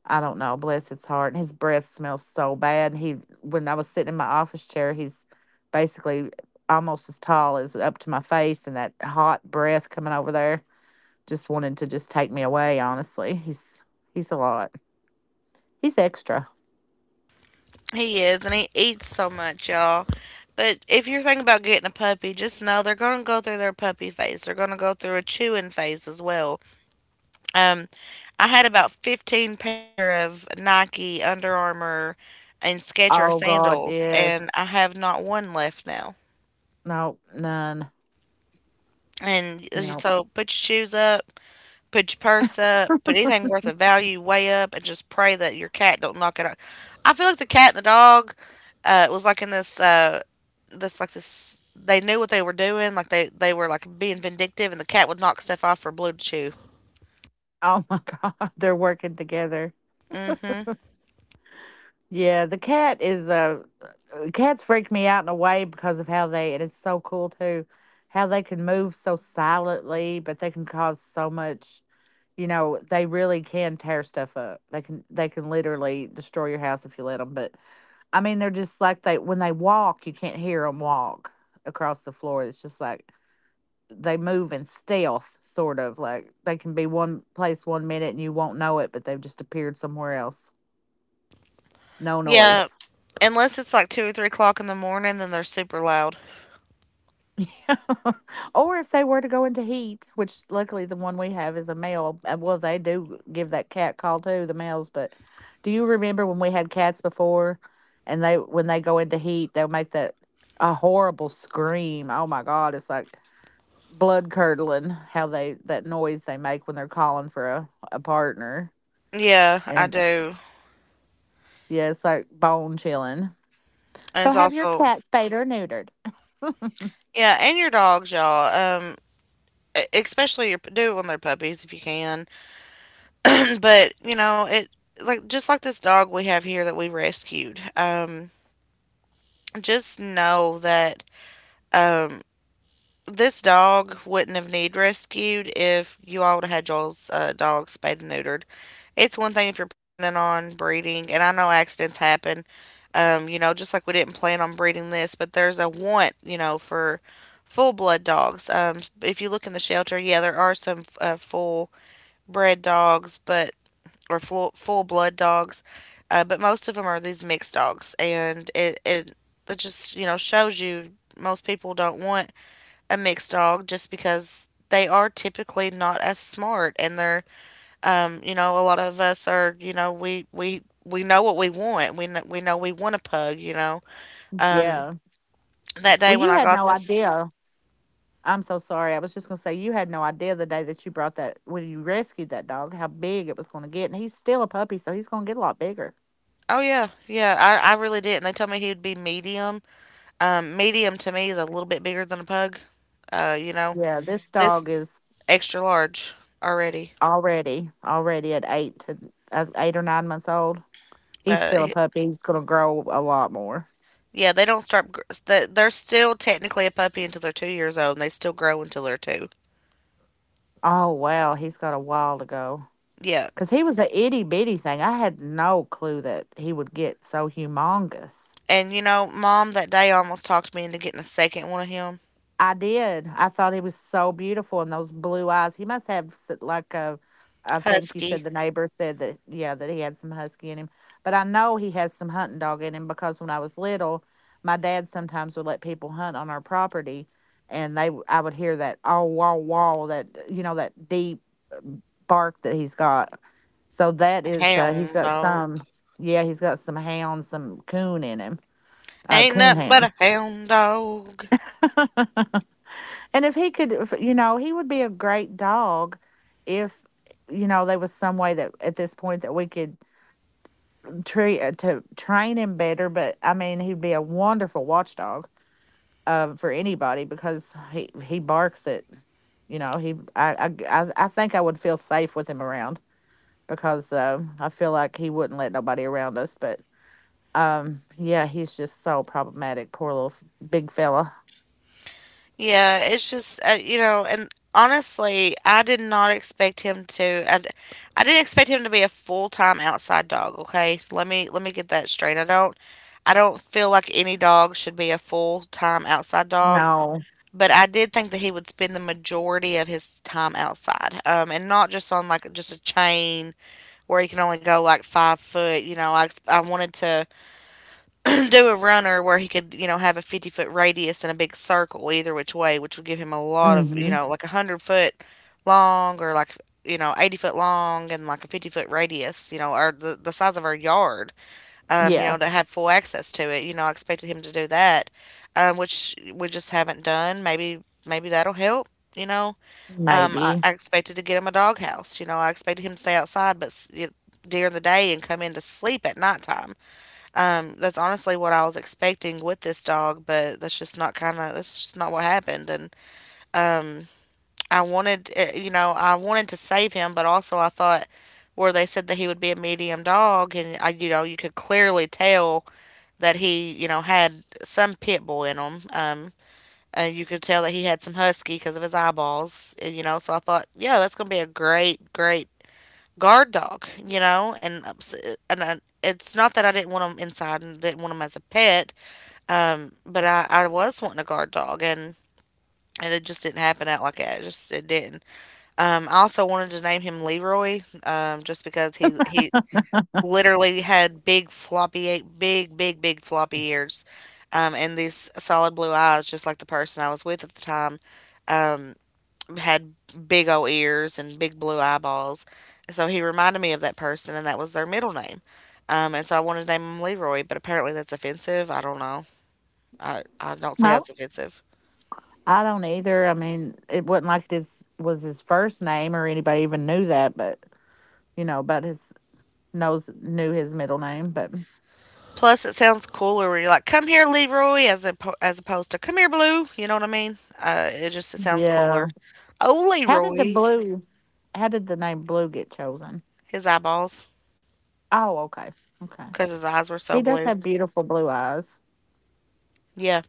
I don't know, bless his heart, and his breath smells so bad. And he, when I was sitting in my office chair, he's basically almost as tall as up to my face, and that hot breath coming over there just wanted to just take me away. Honestly, he's a lot, he's extra. He is, and he eats so much, y'all. But if you're thinking about getting a puppy, just know they're going to go through their puppy phase. They're going to go through a chewing phase as well. Um, I had about 15 pair of Nike, Under Armour, and Skechers Oh god, sandals, and yes. I have not one left now. No, none. And, No. so put your shoes up, put your purse up, put anything worth of value way up, and just pray that your cat don't knock it off. I feel like the cat and the dog, was like in this, this like this. They knew what they were doing. Like, they were like being vindictive, and the cat would knock stuff off for Blue to chew. Oh my God, they're working together. Hmm. Yeah, the cat is cats freak me out in a way because of how they, it's so cool too, how they can move so silently, but they can cause so much. You know, they really can tear stuff up. They can literally destroy your house if you let them. But I mean, they're just like, they, when they walk, you can't hear them walk across the floor. It's just like they move in stealth, sort of like they can be one place one minute and you won't know it, but they've just appeared somewhere else. No Yeah, noise. unless it's like 2 or 3 o'clock in the morning, then they're super loud. Or if they were to go into heat, which luckily the one we have is a male. Well, they do give that cat call too, the males. But do you remember when we had cats before, and they, when they go into heat, they'll make that a horrible scream. Oh my god, it's like blood curdling how they, that noise they make when they're calling for a partner. Yeah, I And do. yeah, it's like bone chilling. And So it's have your also, cat spayed or neutered? yeah, and your dogs, y'all. Um, Especially, your do it when they're puppies if you can. But, it, like, just like this dog we have here that we rescued. Just know that, um this dog wouldn't have need rescued if you all would have had Joel's, dog spayed and neutered. It's one thing if you're planning on breeding, and I know accidents happen. You know, just like we didn't plan on breeding this, but there's a want, for full blood dogs. If you look in the shelter, yeah, there are some, full bred dogs, but or full blood dogs, but most of them are these mixed dogs, and it just shows you most people don't want a mixed dog just because they are typically not as smart, and they're you know a lot of us are, we we know what we want. We know we want a pug. um, Yeah. that Well, day when you I had got no this. idea. I'm so sorry. I was just gonna say you had no idea the day that you brought that, when you rescued that dog, how big it was gonna get, and he's still a puppy, so he's gonna get a lot bigger. Oh, yeah, yeah. I really did, and they told me he would be medium. Medium to me is a little bit bigger than a pug, uh, you know Yeah, this this, dog is extra large, already. already already at eight to eight or nine months old. He's Uh, still a h- puppy. He's gonna grow a lot more. yeah, they don't start. They're still technically a puppy until they're 2 years old, and they still grow until they're two. Oh wow, he's got a while to go. Yeah, Cause he was a itty bitty thing. I had no clue that he would get so humongous. and, mom that day almost talked me into getting a second one of him, I did. I thought he was so beautiful, and those blue eyes. He must have like a, I think you said husky, the neighbor said that, yeah, that he had some husky in him. But I know he has some hunting dog in him because when I was little, my dad sometimes would let people hunt on our property, and they, I would hear that oh wall wall that, you know, that deep bark that he's got. So that is, he's hound got dog. some, yeah, he's got some hound, some coon in him, Ain't coon nothing but hound. a hound dog. And if he could, if, you know, he would be a great dog if, you know, there was some way that at this point that we could treat to train him better. But I mean, he'd be a wonderful watchdog for anybody because he barks at, you know, he I think I would feel safe with him around because I feel like he wouldn't let nobody around us. But yeah, he's just so problematic. Poor little big fella. Yeah, it's just, and honestly, I did not expect him to. I didn't expect him to be a full time outside dog. Okay, let me get that straight. I don't feel like any dog should be a full time outside dog, No. but I did think that he would spend the majority of his time outside, and not just on like just a chain where he can only go like 5 foot. You know, I wanted to do a runner where he could, have a 50-foot radius and a big circle either which way, which would give him a lot of, Mm-hmm. Like a 100 foot long or like, 80-foot long and like a 50-foot radius, or the size of our yard, Yeah, to have full access to it. You know, I expected him to do that, which we just haven't done. Maybe that'll help. You know, I, maybe. I expected to get him a doghouse. You know, I expected him to stay outside, but during the day, and come in to sleep at nighttime. That's honestly what I was expecting with this dog, but that's just not what happened. And um, I wanted, eh, you know, I wanted to save him, but also I thought, where they said that he would be a medium dog, and I, you could clearly tell that he, had some pit bull in him. And you could tell that he had some husky because of his eyeballs. So I thought, yeah, that's gonna be a great, great guard dog. And ups- and I, It's not that I didn't want him inside and didn't want him as a pet, but I was wanting a guard dog, and it just didn't happen out like that. It didn't. I also wanted to name him Leroy, just because he literally had big floppy ears, and these solid blue eyes, just like the person I was with at the time, um, had big old ears and big blue eyeballs. So he reminded me of that person, and that was their middle name. And so I wanted to name him Leroy, but apparently that's offensive. I don't know. I don't see how I, it's offensive. I don't either. I mean, it wasn't like this was his first name or anybody even knew that, but you know, about his knows knew his middle name, but Plus, it sounds cooler when you're like, "Come here, Leroy," as a as opposed to "Come here, Blue." You know what I mean? It sounds yeah. cooler. Oh, How did the Leroy, blue, how did the name blue get chosen? his eyeballs, Oh, okay. Okay. because his eyes were so He does blue. have beautiful blue eyes. Yeah,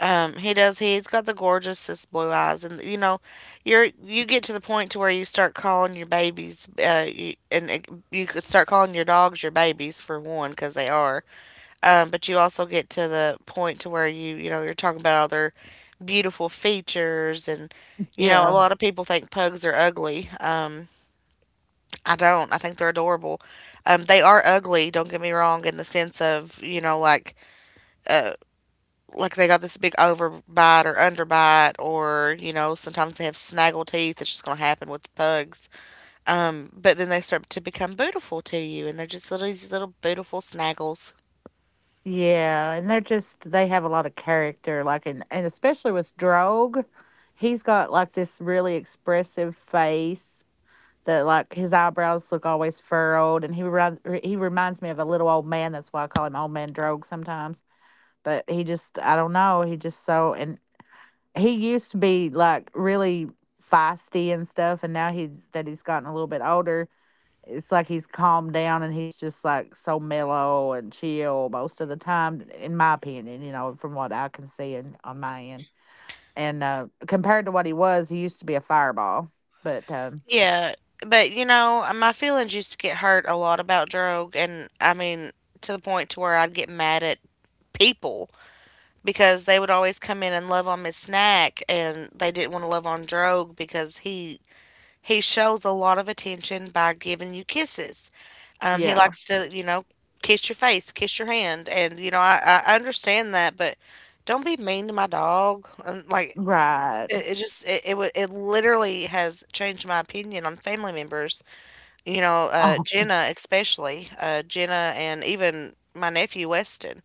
he does. He's got the gorgeousest blue eyes, and, you get to the point to where you start calling your babies, you, and it, you could start calling your dogs your babies for one, because they are. But you also get to the point to where you're talking about other beautiful features. And a Yeah. lot of people think pugs are ugly. I don't I think they're adorable. They are ugly, don't get me wrong, in the sense of, uh like they got this big overbite or underbite, or sometimes they have snaggle teeth. It's just going to happen with pugs. But then they start to become beautiful to you, and they're just little these little beautiful snaggles. Yeah. And they're just, they have a lot of character, like in and especially with Drogue, he's got like this really expressive face that, like, his eyebrows look always furrowed, and he he reminds me of a little old man. That's why I call him Old Man Drogue sometimes. But he just, I don't know, he just so, and he used to be like really feisty and stuff, and now he's, that he's gotten a little bit older, it's like he's calmed down, and he's just like so mellow and chill most of the time, in my opinion. You know, from what I can see and on my end, and compared to what he was, he used to be a fireball. But Yeah, but, my feelings used to get hurt a lot about Drogue, and I mean, to the point to where I'd get mad at people because they would always come in and love on Miss Snack, and they didn't want to love on Drogue because he shows a lot of attention by giving you kisses. He yeah, likes to, kiss your face, kiss your hand, and, I understand that, but don't be mean to my dog. And like, right. it just it it, wa- it literally has changed my opinion on family members, Oh, Jenna especially, Jenna and even my nephew Weston.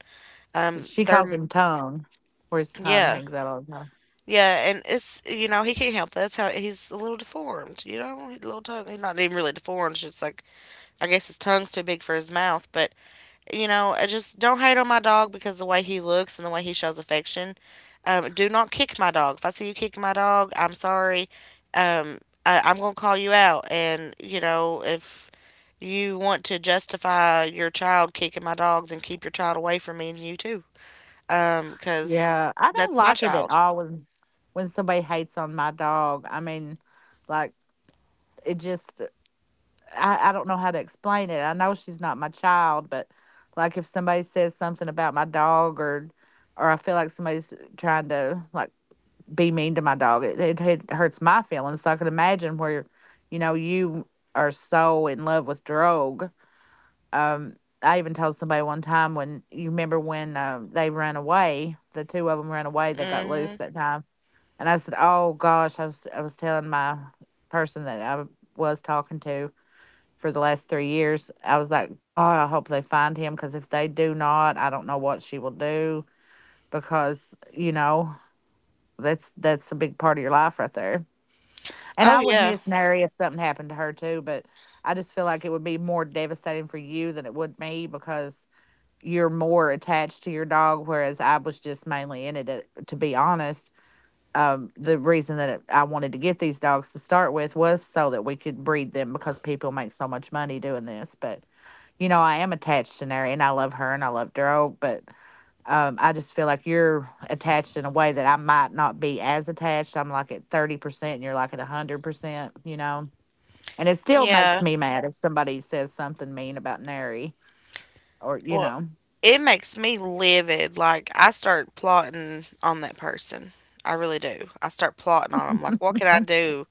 Um, she they're calls m- him tongue, where his tongue yeah, hangs out all the time. yeah, and it's he can't help that. That's how he's a little deformed. You know, his little tongue. He's not even really deformed. It's just like I guess his tongue's too big for his mouth, but you know, I just don't hate on my dog because the way he looks and the way he shows affection. Do not kick my dog. If I see you kicking my dog, I'm sorry. Um, I'm gonna call you out. And you know, if you want to justify your child kicking my dog, then keep your child away from me and you too. 'Cause because Yeah, I don't that's my like it at child. all when somebody hates on my dog. I mean, like, it just, I don't know how to explain it. I know she's not my child, but like if somebody says something about my dog, or I feel like somebody's trying to like be mean to my dog, it hurts my feelings. So I can imagine where, you know, you are so in love with Drogue. Um, I even told somebody one time, when you remember when they ran away, the two of them ran away. They got loose Hmm. that time, and I said, "Oh gosh," I was telling my person that I was talking to for the last three years. I was like, "God, I hope they find him because if they do not, I don't know what she will do because you know." That's a big part of your life right there. And Oh I would yeah, miss Mary if something happened to her too, but I just feel like it would be more devastating for you than it would me because you're more attached to your dog, whereas I was just mainly in it, to be honest. Um, the reason that I wanted to get these dogs to start with was so that we could breed them because people make so much money doing this. But you know, I am attached to Neri and I love her and I love dog, but I just feel like you're attached in a way that I might not be as attached. I'm like at 30% and you're like at 100%, you know. And it still makes yeah. me mad if somebody says something mean about Neri, or you Well, know. it makes me livid. Like I start plotting on that person. I really do. I start plotting on them. Like, what can I do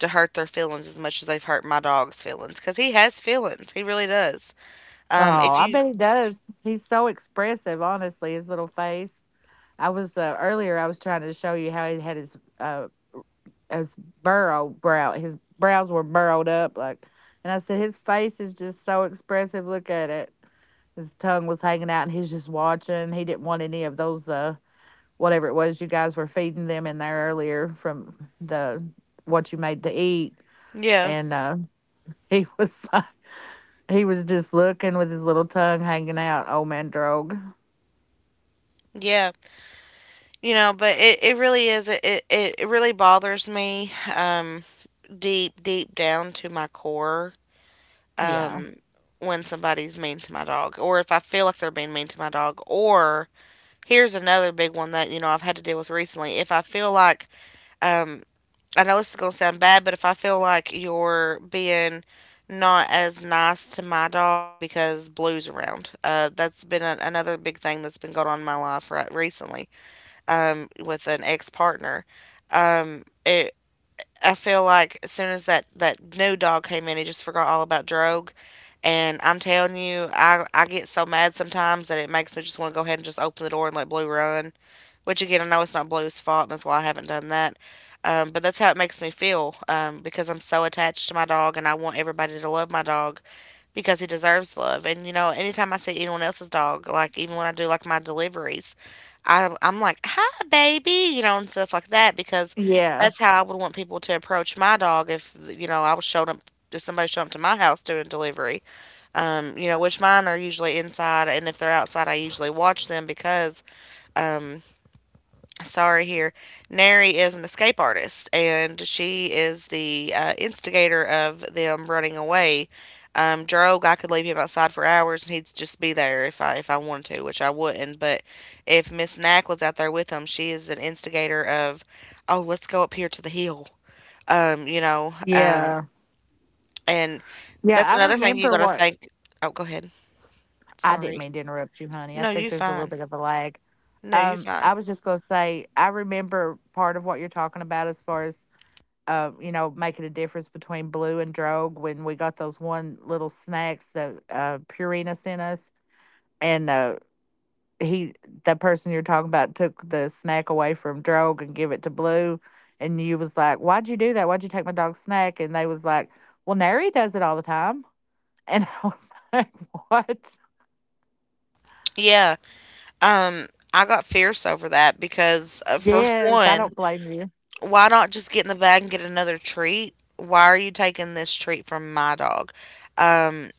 to hurt their feelings as much as they've hurt my dog's feelings? Because he has feelings. He really does. Oh, If I you, bet he does. He's so expressive, honestly, his little face. I was earlier, I was trying to show you how he had his his burrow brow. His brows were burrowed up, like, and I said his face is just so expressive. Look at it. His tongue was hanging out, and he was just watching. He didn't want any of those whatever it was you guys were feeding them in there earlier from the what you made to eat, yeah, and he was he was just looking with his little tongue hanging out. Old man Drogue. yeah, you know, but it really is. It really bothers me. Deep down to my core. Yeah. Um, when somebody's mean to my dog, or if I feel like they're being mean to my dog, or here's another big one that you know I've had to deal with recently. If I feel like um, I know this is gonna sound bad, but if I feel like you're being not as nice to my dog because Blue's around, that's been another big thing that's been going on in my life right recently, with an ex partner. It I feel like as soon as that new dog came in, he just forgot all about Drogue. And I'm telling you, I get so mad sometimes that it makes me just want to go ahead and just open the door and let Blue run, which again, I know it's not Blue's fault, and that's why I haven't done that. But that's how it makes me feel, because I'm so attached to my dog and I want everybody to love my dog because he deserves love. And, you know, anytime I see anyone else's dog, like even when I do like my deliveries, I'm like, hi, baby, you know, and stuff like that because Yeah. that's how I would want people to approach my dog if, you know, I was showing up. If somebody showed up to my house doing delivery, you know, which mine are usually inside, and if they're outside, I usually watch them because um, sorry here Neri is an escape artist and she is the instigator of them running away. Drogue, I could leave him outside for hours and he'd just be there if I wanted to, which I wouldn't, but if Miss Knack was out there with him, she is an instigator of, oh, let's go up here to the hill. You know. Yeah. And Yeah. that's I another thing you remember gotta what think. Oh, go ahead. I didn't Sorry. mean to interrupt you, honey. I No, think you there's a little fine. bit of a lag. No, you fine. I was just gonna say I remember part of what you're talking about as far as, you know, making a difference between Blue and Drogue when we got those one little snacks that Purina sent us, and uh, he, the person you're talking about took the snack away from Drogue and give it to Blue, and you was like, "Why'd you do that? Why'd you take my dog's snack?" And they was like, "Well, Nary does it all the time." And I was like, "What?" Yeah. Um, I got fierce over that because, for Yes, I one, don't blame you. why not just get in the bag and get another treat? Why are you taking this treat from my dog? Um,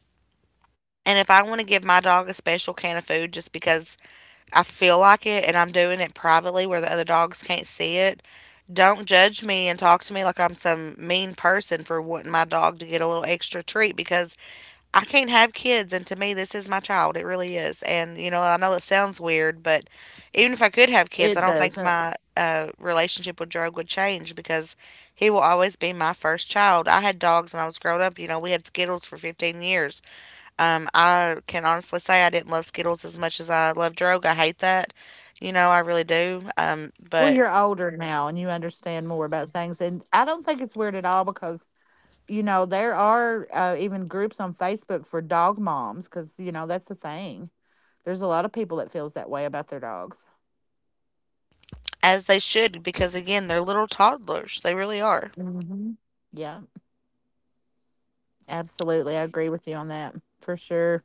and if I want to give my dog a special can of food just because I feel like it and I'm doing it privately where the other dogs can't see it, don't judge me and talk to me like I'm some mean person for wanting my dog to get a little extra treat because I can't have kids, and to me, this is my child. It really is. And, you know, I know it sounds weird, but even if I could have kids, I It don't think doesn't. my relationship with Drog would change because he will always be my first child. I had dogs when I was growing up. You know, we had Skittles for 15 years. I can honestly say I didn't love Skittles as much as I love Drog. I hate that. You know, I really do. Well, But you're older now and you understand more about things. And I don't think it's weird at all because, you know, there are even groups on Facebook for dog moms because, you know, that's the thing. There's a lot of people that feels that way about their dogs. as they should, because again, they're little toddlers. They really are. Hmm. Yeah. Absolutely, I agree with you on that, for sure.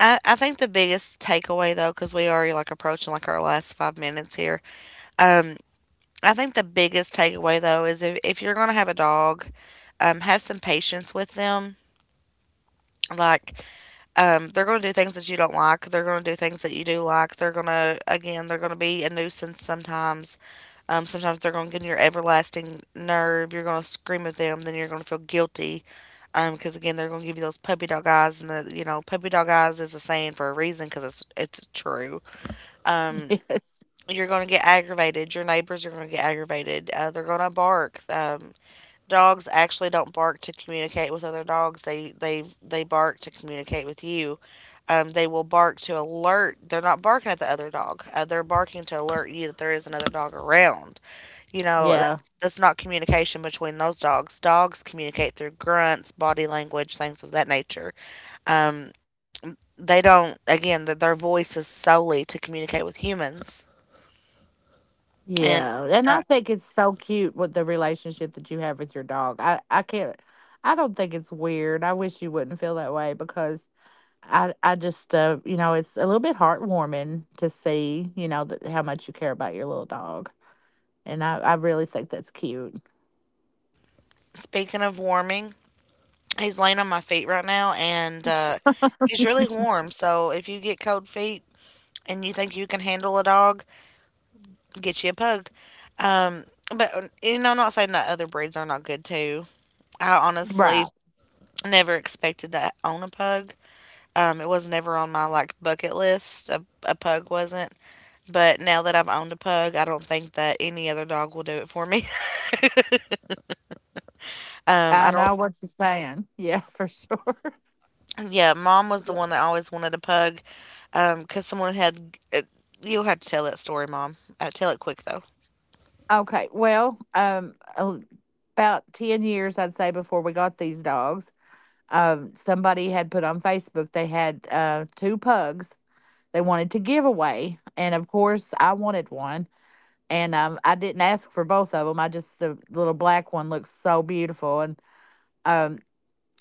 I think the biggest takeaway, though, because we already like approaching like our last 5 minutes here. Um, I think the biggest takeaway, though, is if you're gonna have a dog, have some patience with them. Like they're going to do things that you don't like. They're going to do things that you do like. They're going to, again, they're going to be a nuisance sometimes. Sometimes they're going to get on your everlasting nerve. You're going to scream at them. Then you're going to feel guilty. Because, again, they're going to give you those puppy dog eyes. And, you know, puppy dog eyes is a saying for a reason because it's true. Um, Yes. you're going to get aggravated. Your neighbors are going to get aggravated. They're going to bark. Dogs actually don't bark to communicate with other dogs. They bark to communicate with you. They will bark to alert. They're not barking at the other dog. They're barking to alert you that there is another dog around. You know, Yeah. That's not communication between those dogs. Dogs communicate through grunts, body language, things of that nature. Um, they don't. Again, th their voice is solely to communicate with humans. And Yeah, and uh, I think it's so cute with the relationship that you have with your dog. I can't, I don't think it's weird. I wish you wouldn't feel that way because I just, you know, it's a little bit heartwarming to see, you know, that how much you care about your little dog, and I really think that's cute. speaking of warming, he's laying on my feet right now, and, he's really warm, so if you get cold feet and you think you can handle a dog, get you a pug. Um, but you know, I'm not saying that other breeds are not good too. I Right. honestly never expected to own a pug. It was never on my, like, bucket list. A pug wasn't. But now that I've owned a pug, I don't think that any other dog will do it for me. I I don't know what you're saying. Yeah, for sure. Yeah, mom was the one that always wanted a pug, because someone had. You'll have to tell that story, mom. Tell it quick, though. Okay. Well, about 10 years, I'd say, before we got these dogs, somebody had put on Facebook they had two pugs they wanted to give away. And of course, I wanted one. And I didn't ask for both of them. I just, the little black one looks so beautiful. And um,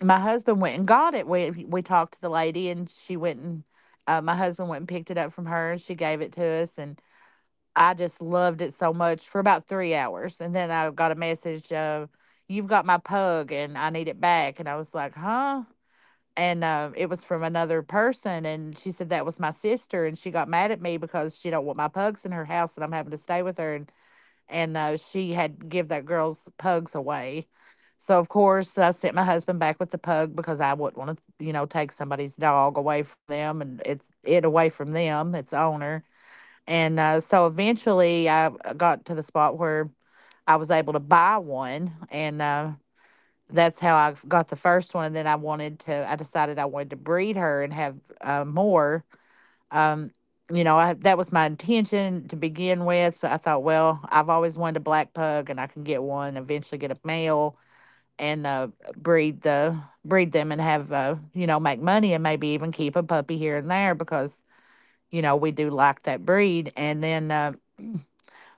my husband went and got it. We talked to the lady, and she went and my husband went and picked it up from her, and she gave it to us. And I just loved it so much for about three hours. And then I got a message, "You've got my pug and I need it back." And I was like, "Huh?" And it was from another person. And she said that was my sister, and she got mad at me because she don't want my pugs in her house and I'm having to stay with her. And she had give that girl's pugs away. So, of course, I sent my husband back with the pug because I wouldn't want to, you know, take somebody's dog away from them, and it's, it away from them, its owner. And so eventually I got to the spot where I was able to buy one. And that's how I got the first one. And then I wanted to, I decided I wanted to breed her and have more. Um, you know, I, that was my intention to begin with. So I thought, well, I've always wanted a black pug and I can get one, eventually get a male, and breed the breed them, and have, you know, make money and maybe even keep a puppy here and there because you know we do like that breed. And then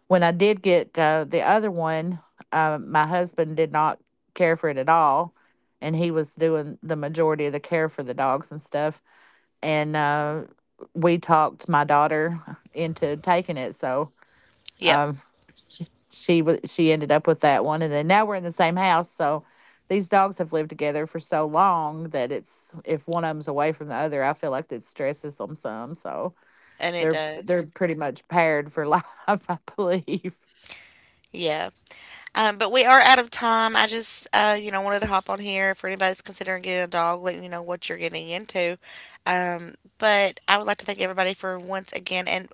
when I did get the other one, my husband did not care for it at all, and he was doing the majority of the care for the dogs and stuff. And we talked my daughter into taking it, so Yep, um, she, she she ended up with that one. And then now we're in the same house, so these dogs have lived together for so long that it's, if one of them's away from the other, I feel like it stresses them some. So and it does. they're pretty much paired for life, I believe. Yeah. But we are out of time. I just, you know, wanted to hop on here for anybody's considering getting a dog, letting you know what you're getting into. But I would like to thank everybody for once again. And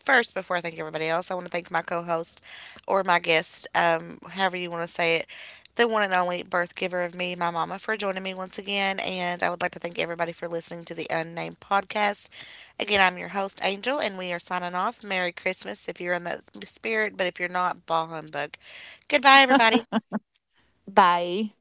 first, before I thank everybody else, I want to thank my co host or my guest, however you want to say it, the one and only birth giver of me, my mama, for joining me once again. And I would like to thank everybody for listening to the Unnamed Podcast. Again, I'm your host, Angel, and we are signing off. Merry Christmas if you're in that spirit, but if you're not, bah humbug. Goodbye, everybody. Bye.